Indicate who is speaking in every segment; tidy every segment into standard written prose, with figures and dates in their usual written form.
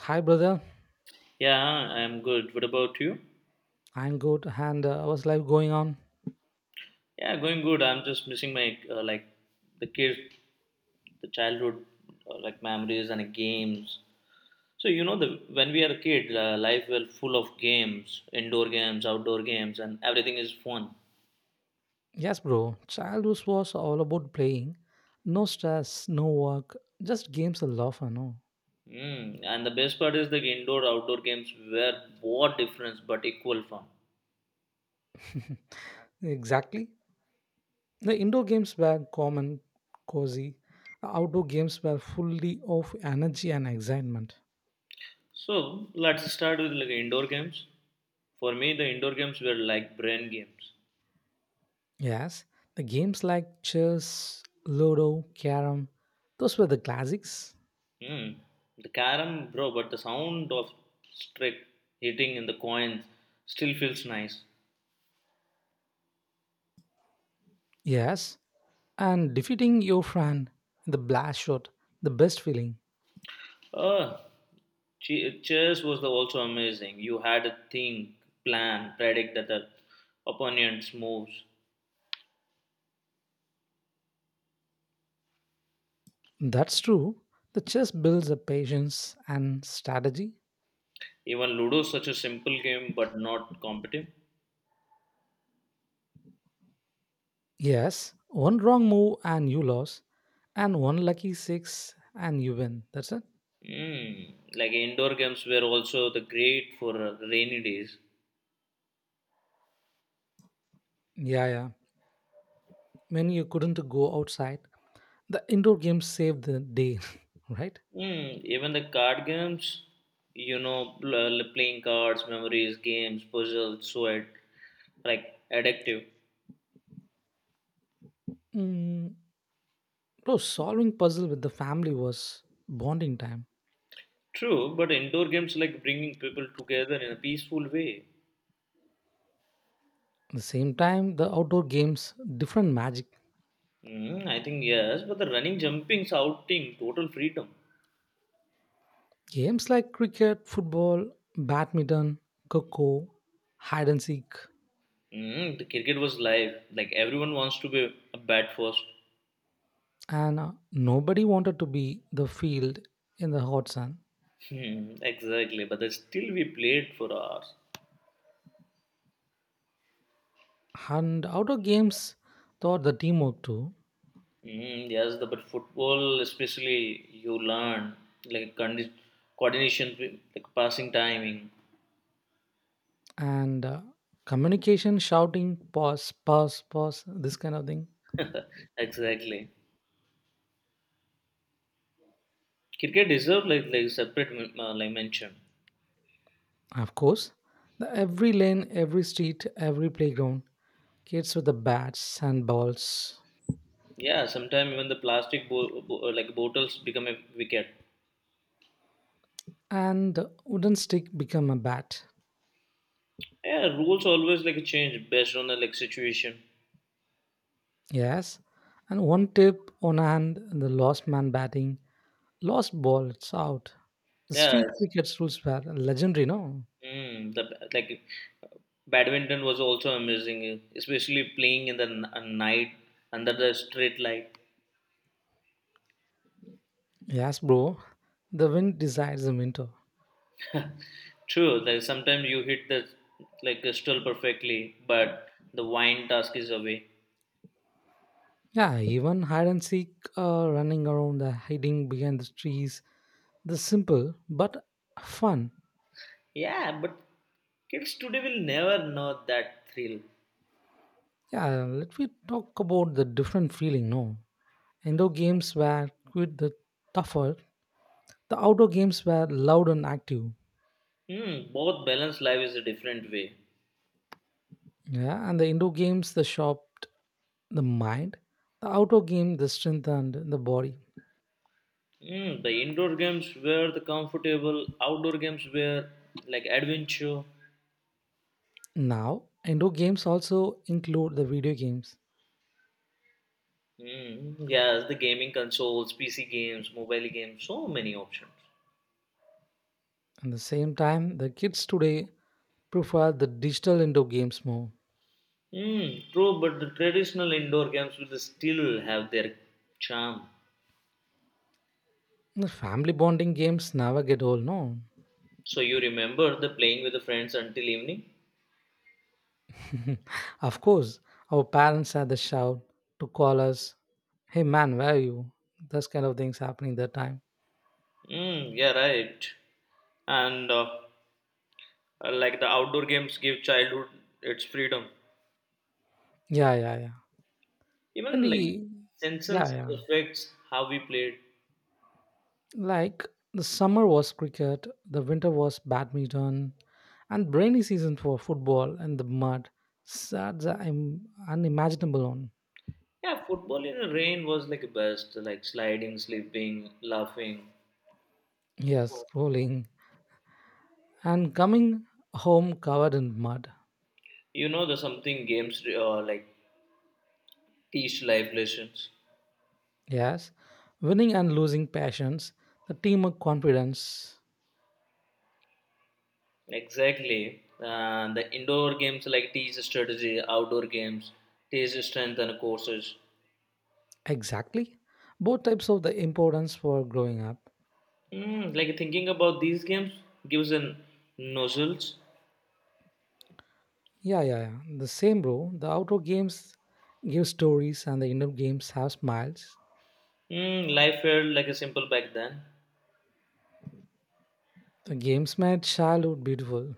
Speaker 1: Hi, brother.
Speaker 2: Yeah, I'm good. What about you?
Speaker 1: I'm good. And how's life going on?
Speaker 2: Yeah, going good. I'm just missing my like the kids, the childhood like memories and games. So, you know, the when we are a kid, life was full of games, indoor games, outdoor games, and everything is fun.
Speaker 1: Yes, bro. Childhood was all about playing. No stress, no work, just games and love, I know.
Speaker 2: Mm. And the best part is the indoor outdoor games were what difference but equal fun.
Speaker 1: Exactly. The indoor games were calm and cozy. The outdoor games were fully of energy and excitement.
Speaker 2: So let's start with like indoor games. For me, the indoor games were like brain games.
Speaker 1: Yes, the games like chess, ludo, carom, those were the classics.
Speaker 2: Mm. The carom, bro, but the sound of strike hitting in the coins still feels nice.
Speaker 1: Yes, and defeating your friend in the blast shot, the best feeling.
Speaker 2: Uh, chess was the also amazing. You had to think, plan, predict that the opponent's moves.
Speaker 1: That's true. The chess builds up patience and strategy.
Speaker 2: Even Ludo is such a simple game, but not competitive.
Speaker 1: Yes, one wrong move and you lose, and one lucky six and you win. That's it.
Speaker 2: Mm. Like indoor games were also the great for rainy days.
Speaker 1: Yeah, yeah. When you couldn't go outside, the indoor games saved the day, right?
Speaker 2: Even the card games, playing cards, memories, games, puzzles, so it. Like addictive.
Speaker 1: Mm, no, solving puzzle with the family was bonding time.
Speaker 2: True, but indoor games like bringing people together in a peaceful way.
Speaker 1: At the same time, the outdoor games, different magic.
Speaker 2: I think yes, but the running, jumping, shouting, total freedom.
Speaker 1: Games like cricket, football, badminton, coco, hide and seek,
Speaker 2: The cricket was live. Like everyone wants to be a bat first.
Speaker 1: and nobody wanted to be the field in the hot sun.
Speaker 2: Hmm, exactly, but then still we played for hours.
Speaker 1: And outdoor games taught the teamwork too,
Speaker 2: Yes, but football especially you learn like coordination, like passing timing.
Speaker 1: and communication, shouting, pause, pause, pause, this kind of thing.
Speaker 2: Exactly. Cricket deserve like separate like mention.
Speaker 1: Of course, the every lane, every street, every playground, kids with the bats and balls,
Speaker 2: Yeah, sometimes even the plastic like bottles become a wicket.
Speaker 1: and wooden stick become a bat.
Speaker 2: Yeah, rules always like change based on the like situation.
Speaker 1: Yes, and one tip on hand, the lost man batting lost ball, it's out. The
Speaker 2: Yeah,
Speaker 1: street cricket's rules were legendary, no?
Speaker 2: the like badminton was also amazing, especially playing in the night under the street light.
Speaker 1: Yes, bro. The wind decides the winter.
Speaker 2: True, like sometimes you hit the like crystal perfectly, but the wine task is away.
Speaker 1: Yeah, even hide and seek, running around, the hiding behind the trees. The simple but fun.
Speaker 2: Yeah, but kids today will never know that thrill.
Speaker 1: Yeah, let me talk about the different feeling, no? Indoor games were quite the tougher. The outdoor games were loud and active.
Speaker 2: Both balance life is a different way.
Speaker 1: Yeah, and the indoor games, the shopped the mind. The outdoor game, the strengthened the body.
Speaker 2: The indoor games were the comfortable, outdoor games were like adventure.
Speaker 1: Now, indoor games also include the video games.
Speaker 2: Yes, the gaming consoles, PC games, mobile games, so many options.
Speaker 1: At the same time, the kids today prefer the digital indoor games more.
Speaker 2: Mm, true, but the traditional indoor games will still have their charm.
Speaker 1: The family bonding games never get old, no.
Speaker 2: So you remember the playing with the friends until evening?
Speaker 1: Of course, our parents had the shout to call us, hey man, where are you? Those kind of things happening that time.
Speaker 2: Mm, yeah, right. And like the outdoor games give childhood its freedom.
Speaker 1: Yeah, yeah, yeah. When
Speaker 2: Even like
Speaker 1: we, yeah,
Speaker 2: senses
Speaker 1: yeah.
Speaker 2: affects how we played.
Speaker 1: Like the summer was cricket, the winter was badminton, and rainy season for football and the mud. That's I'm unimaginable on.
Speaker 2: Yeah, football in the rain was like the best, like sliding, sleeping, laughing.
Speaker 1: Yes, rolling. And coming home covered in mud.
Speaker 2: You know, the something games like teach life lessons.
Speaker 1: Yes, winning and losing passions, the teamwork confidence.
Speaker 2: Exactly. The indoor games like teach strategy, outdoor games teach strength and courses.
Speaker 1: Exactly. Both types of the importance for growing up.
Speaker 2: Like thinking about these games gives an nozzles.
Speaker 1: Yeah, yeah, yeah. The same, bro. The outdoor games give stories and the indoor games have smiles.
Speaker 2: Life felt like a simple back then.
Speaker 1: The games made childhood beautiful.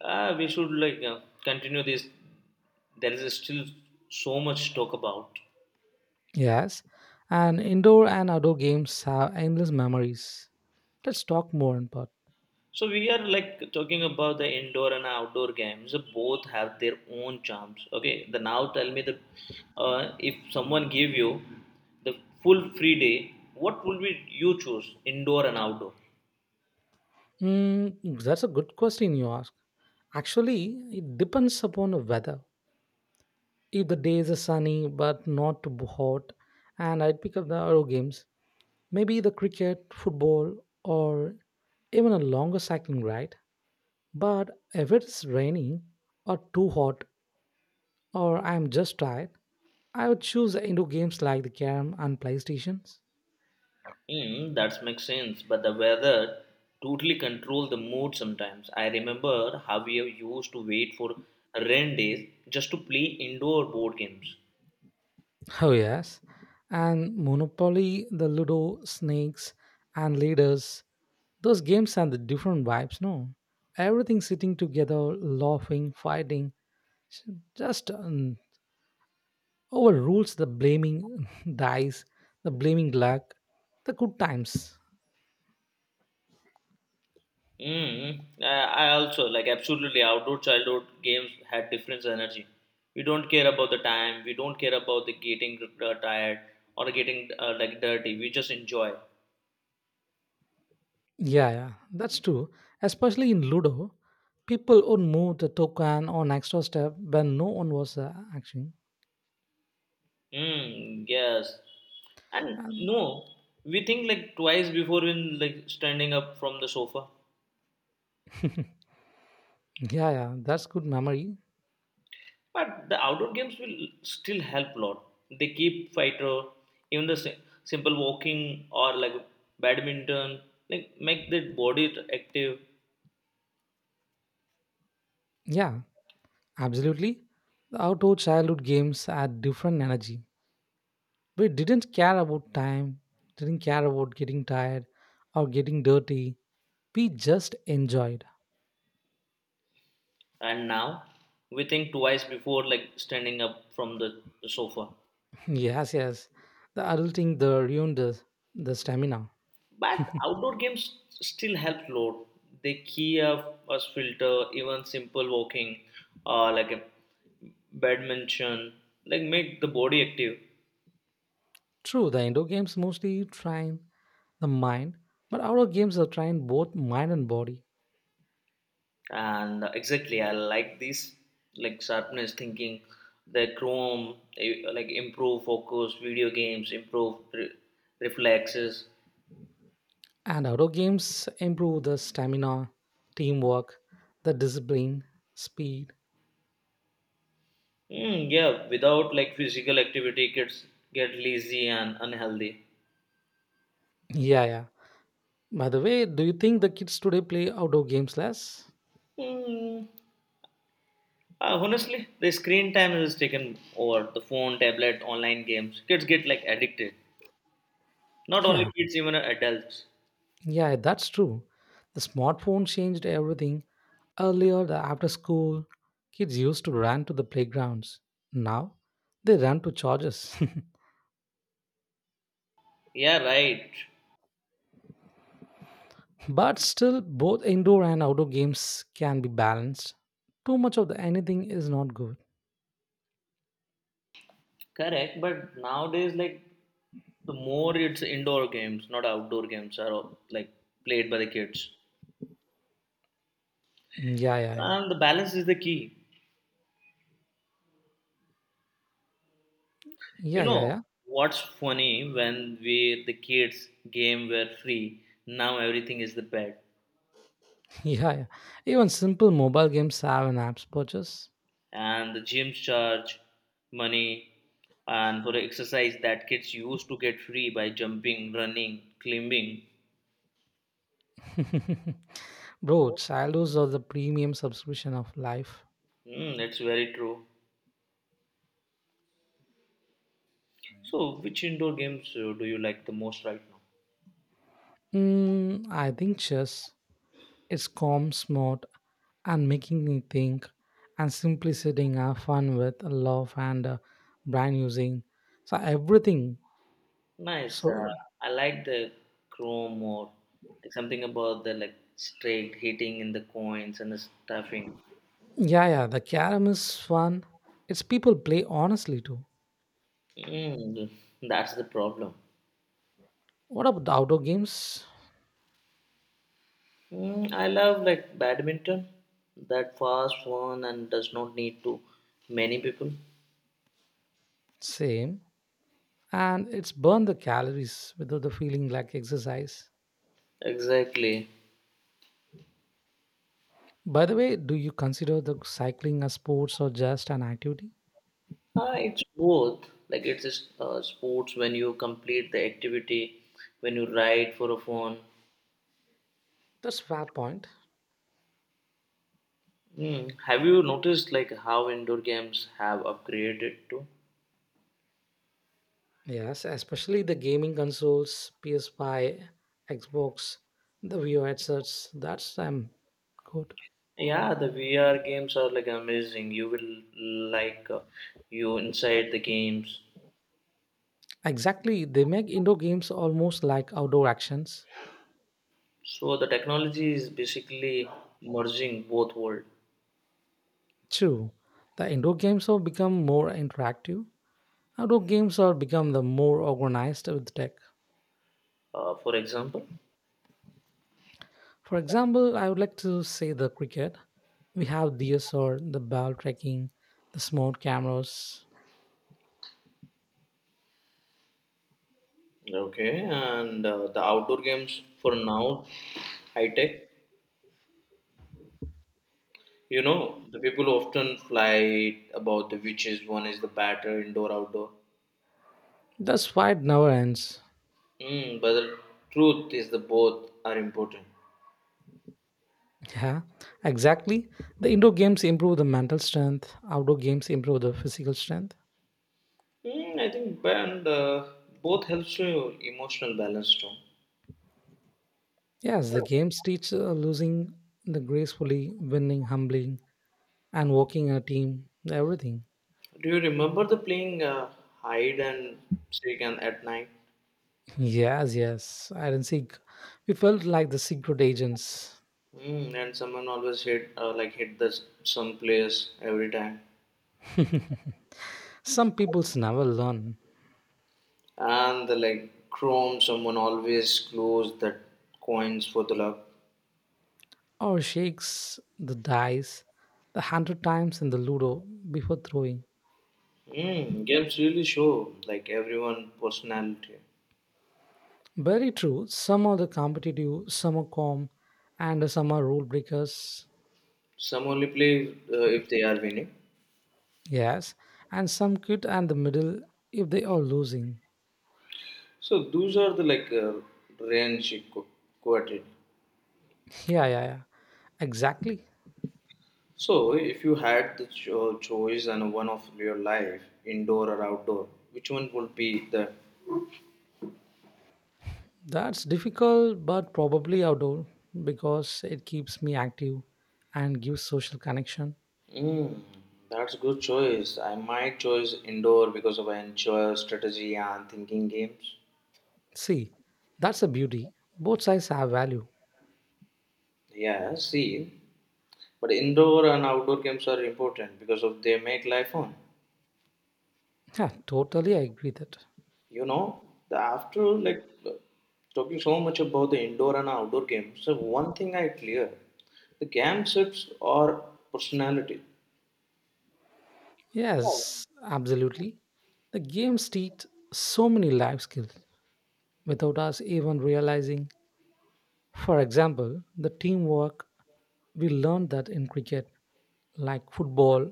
Speaker 2: Ah, we should like continue this. There is still so much to talk about.
Speaker 1: Yes, and indoor and outdoor games have endless memories. Let's talk more on part.
Speaker 2: So we are like talking about the indoor and outdoor games. Both have their own charms. Okay, the now tell me the if someone give you the full free day, what would be you choose? Indoor and outdoor.
Speaker 1: Mm, that's a good question you ask. Actually, it depends upon the weather. If the days are sunny but not too hot, and I'd pick up the outdoor games, maybe the cricket, football, or even a longer cycling ride. But if it's raining or too hot, or I'm just tired, I would choose indoor games like the carrom and PlayStations.
Speaker 2: That makes sense. But the weather totally control the mood sometimes. I remember how we used to wait for rain days just to play indoor board games.
Speaker 1: Oh, yes. And monopoly, the ludo, snakes, and leaders. Those games are the different vibes, no? Everything sitting together, laughing, fighting, s- just overrules the blaming dice, the blaming luck, the good times.
Speaker 2: Mm, I I also like absolutely outdoor childhood games had different energy. We don't care about the time. We don't care about the getting tired or getting like dirty. We just enjoy.
Speaker 1: Yeah, yeah, that's true. Especially in ludo, people would move the token on extra step when no one was acting.
Speaker 2: Mm, yes. And
Speaker 1: And
Speaker 2: no, we think like twice before in like standing up from the sofa.
Speaker 1: yeah, yeah, that's good memory.
Speaker 2: But the outdoor games will still help a lot. They keep fighter, even the simple walking or like badminton, like make the body active.
Speaker 1: Yeah, absolutely. The outdoor childhood games had different energy. We didn't care about time, didn't care about getting tired or getting dirty. We just enjoyed.
Speaker 2: And now we think twice before like standing up from the sofa.
Speaker 1: Yes, yes. The adulting, the ruined the stamina.
Speaker 2: But outdoor games still help load. They key up us filter even simple walking like a badminton like make the body active.
Speaker 1: True, the indoor games mostly trying the mind, but outdoor games are train both mind and body.
Speaker 2: And exactly, I like this. Like sharpness thinking the chrome, eh, like improve focus video games improve reflexes.
Speaker 1: And outdoor games improve the stamina, teamwork, the discipline, speed.
Speaker 2: Yeah, without like physical activity, kids get lazy and unhealthy.
Speaker 1: Yeah, yeah. By the way, do you think the kids today play outdoor games less?
Speaker 2: Mm, Honestly, the screen time has taken over the phone, tablet, online games. Kids get like addicted. Not only
Speaker 1: Yeah,
Speaker 2: kids, even adults.
Speaker 1: yeah, that's true. The smartphone changed everything. Earlier, the after school, kids used to run to the playgrounds. Now, they run to charges.
Speaker 2: Yeah, right.
Speaker 1: But still, both indoor and outdoor games can be balanced. Too much of the anything is not good.
Speaker 2: Correct. But nowadays, like the more it's indoor games, not outdoor games, are like played by the kids.
Speaker 1: Yeah, yeah, yeah.
Speaker 2: And the balance is the key. You
Speaker 1: Yeah, yeah,
Speaker 2: know
Speaker 1: yeah.
Speaker 2: what's funny? When we the kids game were free, now everything is the pet,
Speaker 1: Yeah, yeah. Even simple mobile games have an apps purchase.
Speaker 2: and the gyms charge money, and for the exercise that kids used to get free by jumping, running, climbing.
Speaker 1: Bro, childhoods are the premium subscription of life.
Speaker 2: That's very true. So, which indoor games do you like the most right now?
Speaker 1: Mm, I think chess. It's calm, smart, and making me think, and simply sitting have fun with love and brand using. So everything.
Speaker 2: Nice. Uh,
Speaker 1: So
Speaker 2: I like the chrome or like something about the like straight hitting in the coins and the stuffing.
Speaker 1: yeah, yeah, the carom is fun. It's people play honestly too.
Speaker 2: Mm, that's the problem.
Speaker 1: What about the outdoor games?
Speaker 2: I love like badminton, that fast one and does not need to many people.
Speaker 1: Same. And it's burn the calories without the feeling like exercise.
Speaker 2: Exactly.
Speaker 1: By the way, do you consider the cycling a sports or just an activity?
Speaker 2: It's both. Like it's just, sports when you complete the activity, when you ride for a fun.
Speaker 1: That's fair point.
Speaker 2: Mm. Have you noticed like how indoor games have upgraded too?
Speaker 1: Yes, especially the gaming consoles, PS5, Xbox, the VR headsets. That's good.
Speaker 2: Yeah, the VR games are like amazing. You will like you inside the games.
Speaker 1: Exactly, they make indoor games almost like outdoor actions.
Speaker 2: So the technology is basically merging both world.
Speaker 1: True, the indoor games have become more interactive. Outdoor games have become the more organized with tech.
Speaker 2: For example.
Speaker 1: For example, I would like to say the cricket. We have DSR, the ball tracking, the smart cameras.
Speaker 2: Okay, and the outdoor games for now, high tech. You know, the people often fly about the which is one is the better indoor outdoor.
Speaker 1: That's fight never ends.
Speaker 2: But the truth is the both are important.
Speaker 1: Yeah, exactly. The indoor games improve the mental strength. Outdoor games improve the physical strength.
Speaker 2: I think and both helps to your emotional balance too.
Speaker 1: Yes, the games teach losing the gracefully, winning humbling, and working in a team. Everything.
Speaker 2: Do you remember the playing hide and seek and at night?
Speaker 1: Yes, yes, Iron Sig. We felt like the secret agents.
Speaker 2: And someone always hit like hit the some place every time.
Speaker 1: Some peoples never learn.
Speaker 2: And the like chrome someone always glows that coins for the luck.
Speaker 1: Or shakes the dice the hundred times in the ludo before throwing.
Speaker 2: Games really show like everyone personality.
Speaker 1: Very true. Some are the competitive, some are calm, and some are rule breakers.
Speaker 2: Some only play if they are winning.
Speaker 1: Yes, and some quit and the middle if they are losing.
Speaker 2: So those are the like range quoted.
Speaker 1: Yeah, yeah, yeah. Exactly.
Speaker 2: So if you had the choice and one of your life indoor or outdoor, which one would be the...
Speaker 1: That's difficult, but probably outdoor because it keeps me active and gives social connection.
Speaker 2: Mm, that's good choice. I might choose indoor because of I enjoy strategy and thinking games.
Speaker 1: See, that's a beauty. Both sides have value.
Speaker 2: Yeah, see, but indoor and outdoor games are important because of they make life fun.
Speaker 1: Yeah, totally I agree that.
Speaker 2: You know, the after like talking so much about the indoor and outdoor games, so one thing I clear, the game shapes our personality.
Speaker 1: Yes, absolutely. The games teach so many life skills without us even realizing. For example, the teamwork we learned that in cricket, like football,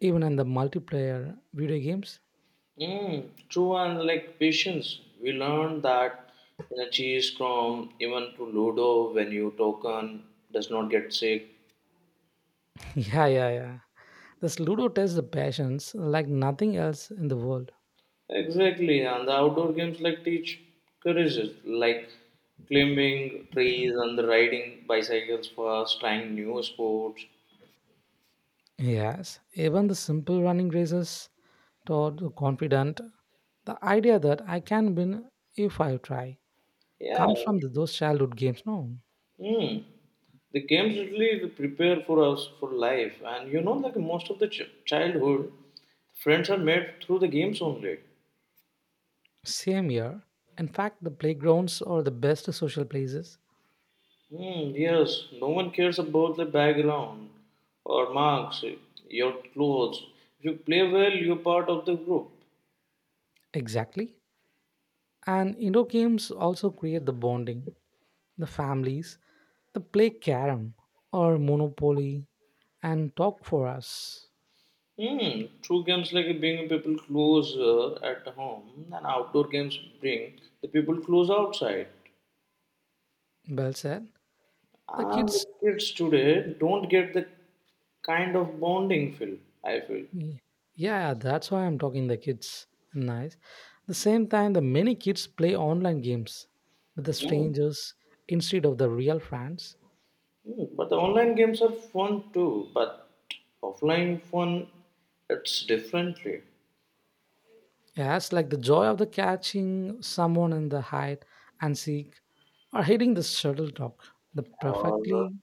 Speaker 1: even in the multiplayer video games.
Speaker 2: True and like patience. We learn that in a cheese from even to Ludo when you token does not get sick.
Speaker 1: Yeah, yeah, yeah. This ludo tests the patience like nothing else in the world.
Speaker 2: Exactly, and the outdoor games like teach courage, like climbing trees and riding bicycles fast, trying new sports.
Speaker 1: Yes, even the simple running races taught the confident. The idea that I can win if I try
Speaker 2: Yeah,
Speaker 1: comes from those childhood games. No,
Speaker 2: mm. The games really prepare for us for life, and you know, like most of the childhood, friends are made through the games only.
Speaker 1: same year. In fact, the playgrounds are the best social places.
Speaker 2: Yes, no one cares about the background or marks, your clothes. If you play well, you're part of the group.
Speaker 1: Exactly. And indoor games also create the bonding. The families, the play carom or monopoly and talk for us.
Speaker 2: True games like bring people closer at home, and outdoor games bring the people close outside.
Speaker 1: Well said. The
Speaker 2: And
Speaker 1: kids
Speaker 2: the kids today don't get the kind of bonding feel, I feel.
Speaker 1: Ye- yeah, that's why I'm talking the kids. Nice. The same time, the many kids play online games with the
Speaker 2: Mm.
Speaker 1: strangers instead of the real friends.
Speaker 2: But the online games are fun too, but offline fun, it's differently.
Speaker 1: Yes, like the joy of the catching someone in the hide and seek, or hitting the shuttlecock, the
Speaker 2: Or,
Speaker 1: perfectly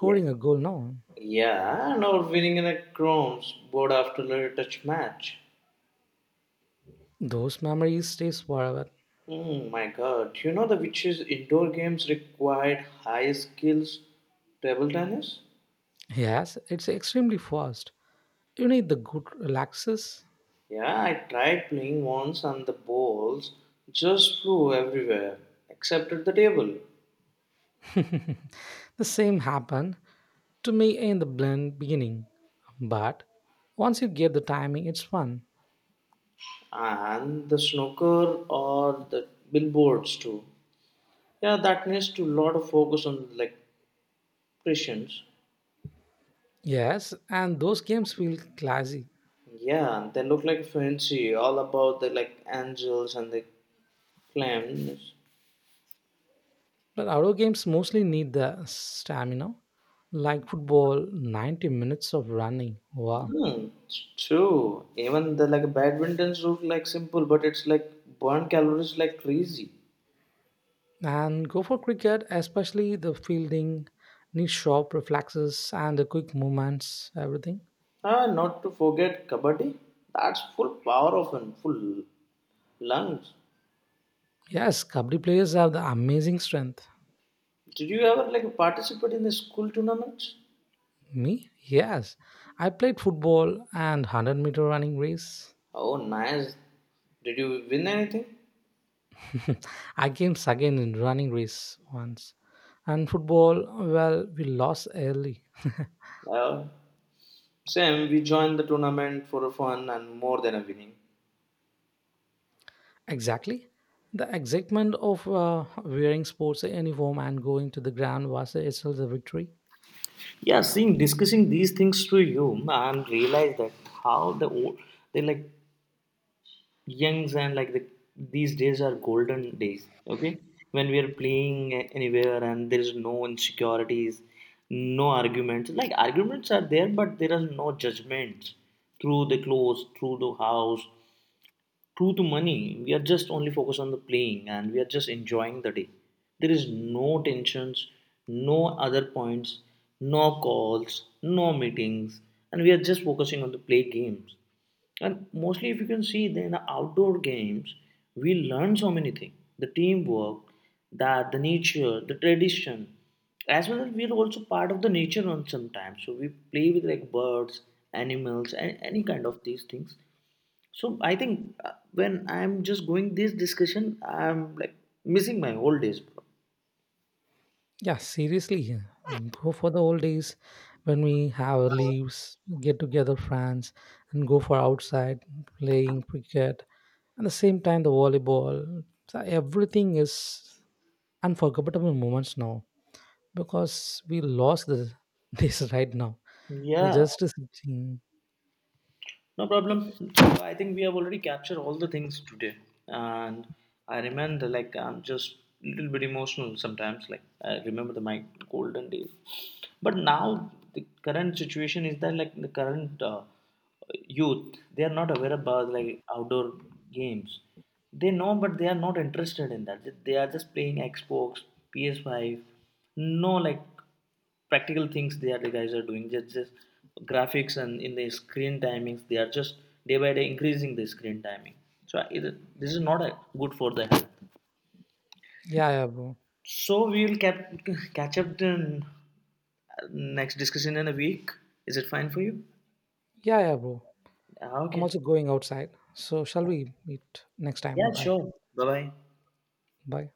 Speaker 2: yeah,
Speaker 1: a goal. No,
Speaker 2: yeah, and or winning in a crowns board after a touch match.
Speaker 1: those memories stays forever.
Speaker 2: Oh my god, you know the witches indoor games required high skills, table tennis?
Speaker 1: Yes, it's extremely fast. You need the good relaxes.
Speaker 2: Yeah, I tried playing once and the balls just flew everywhere except at the table.
Speaker 1: The same happened to me in the blend beginning. But once you get the timing, it's fun.
Speaker 2: And the snooker or the billboards too. Yeah, that needs to lot of focus on like Christians.
Speaker 1: Yes, and those games feel classy.
Speaker 2: Yeah, they look like fancy, all about the like angels and the clams.
Speaker 1: But outdoor games mostly need the stamina, like football, 90 minutes of running. Wow.
Speaker 2: It's true. Even the like badminton's route like simple, but it's like burn calories like crazy.
Speaker 1: And go for cricket, especially the fielding, need sharp reflexes and the quick movements, everything.
Speaker 2: Ah, not to forget kabaddi. That's full power of and full lungs.
Speaker 1: Yes, kabaddi players have the amazing strength.
Speaker 2: Did you ever like participate in the school tournaments?
Speaker 1: Me? Yes. I played football and 100-meter running race.
Speaker 2: Oh, nice. Did you win anything?
Speaker 1: I came second in running race once. And football, well, we lost early.
Speaker 2: Well, same. We joined the tournament for a fun and more than a winning.
Speaker 1: Exactly. The excitement of wearing sports uniform and going to the ground was itself the victory.
Speaker 2: Yeah, seeing discussing these things to you, I'm realized that how the old they like Youngs and like the these days are golden days. Okay, when we are playing anywhere and there is no insecurities, no arguments. Like arguments are there, but there are no judgments through the clothes, through the house, true to money, we are just only focused on the playing and we are just enjoying the day. There is no tensions, no other points, no calls, no meetings, and we are just focusing on the play games. And mostly, if you can see, then the outdoor games, we learn so many things: the teamwork, that the nature, the tradition, as well as we are also part of the nature on sometimes. So we play with like birds, animals, and any kind of these things. So I think when I'm just going this discussion, I'm like missing my old days, bro.
Speaker 1: Yeah, seriously. Go for the old days when we have our leaves, get together friends, and go for outside playing cricket. At the same time, the volleyball. So everything is unforgettable moments now because we lost the, this right now. We
Speaker 2: Yeah,
Speaker 1: just sitting.
Speaker 2: no problem. So I think we have already captured all the things today, and I remember like I'm just a little bit emotional sometimes. Like I remember the my golden days, but now the current situation is that like the current youth they are not aware about like outdoor games. They know, but they are not interested in that. They are just playing Xbox, PS5. No, like practical things they are the guys are doing just graphics and in the screen timings they are just day by day increasing the screen timing, so it, this is not a, good for the health.
Speaker 1: Yeah, yeah, bro.
Speaker 2: So we will catch up the next discussion in a week. Is it fine for you?
Speaker 1: Yeah, yeah, bro.
Speaker 2: Ah,
Speaker 1: I'm
Speaker 2: okay.
Speaker 1: also going outside. So shall
Speaker 2: Yeah,
Speaker 1: we meet next time?
Speaker 2: yeah,
Speaker 1: Bye.
Speaker 2: sure, bye bye.
Speaker 1: Bye.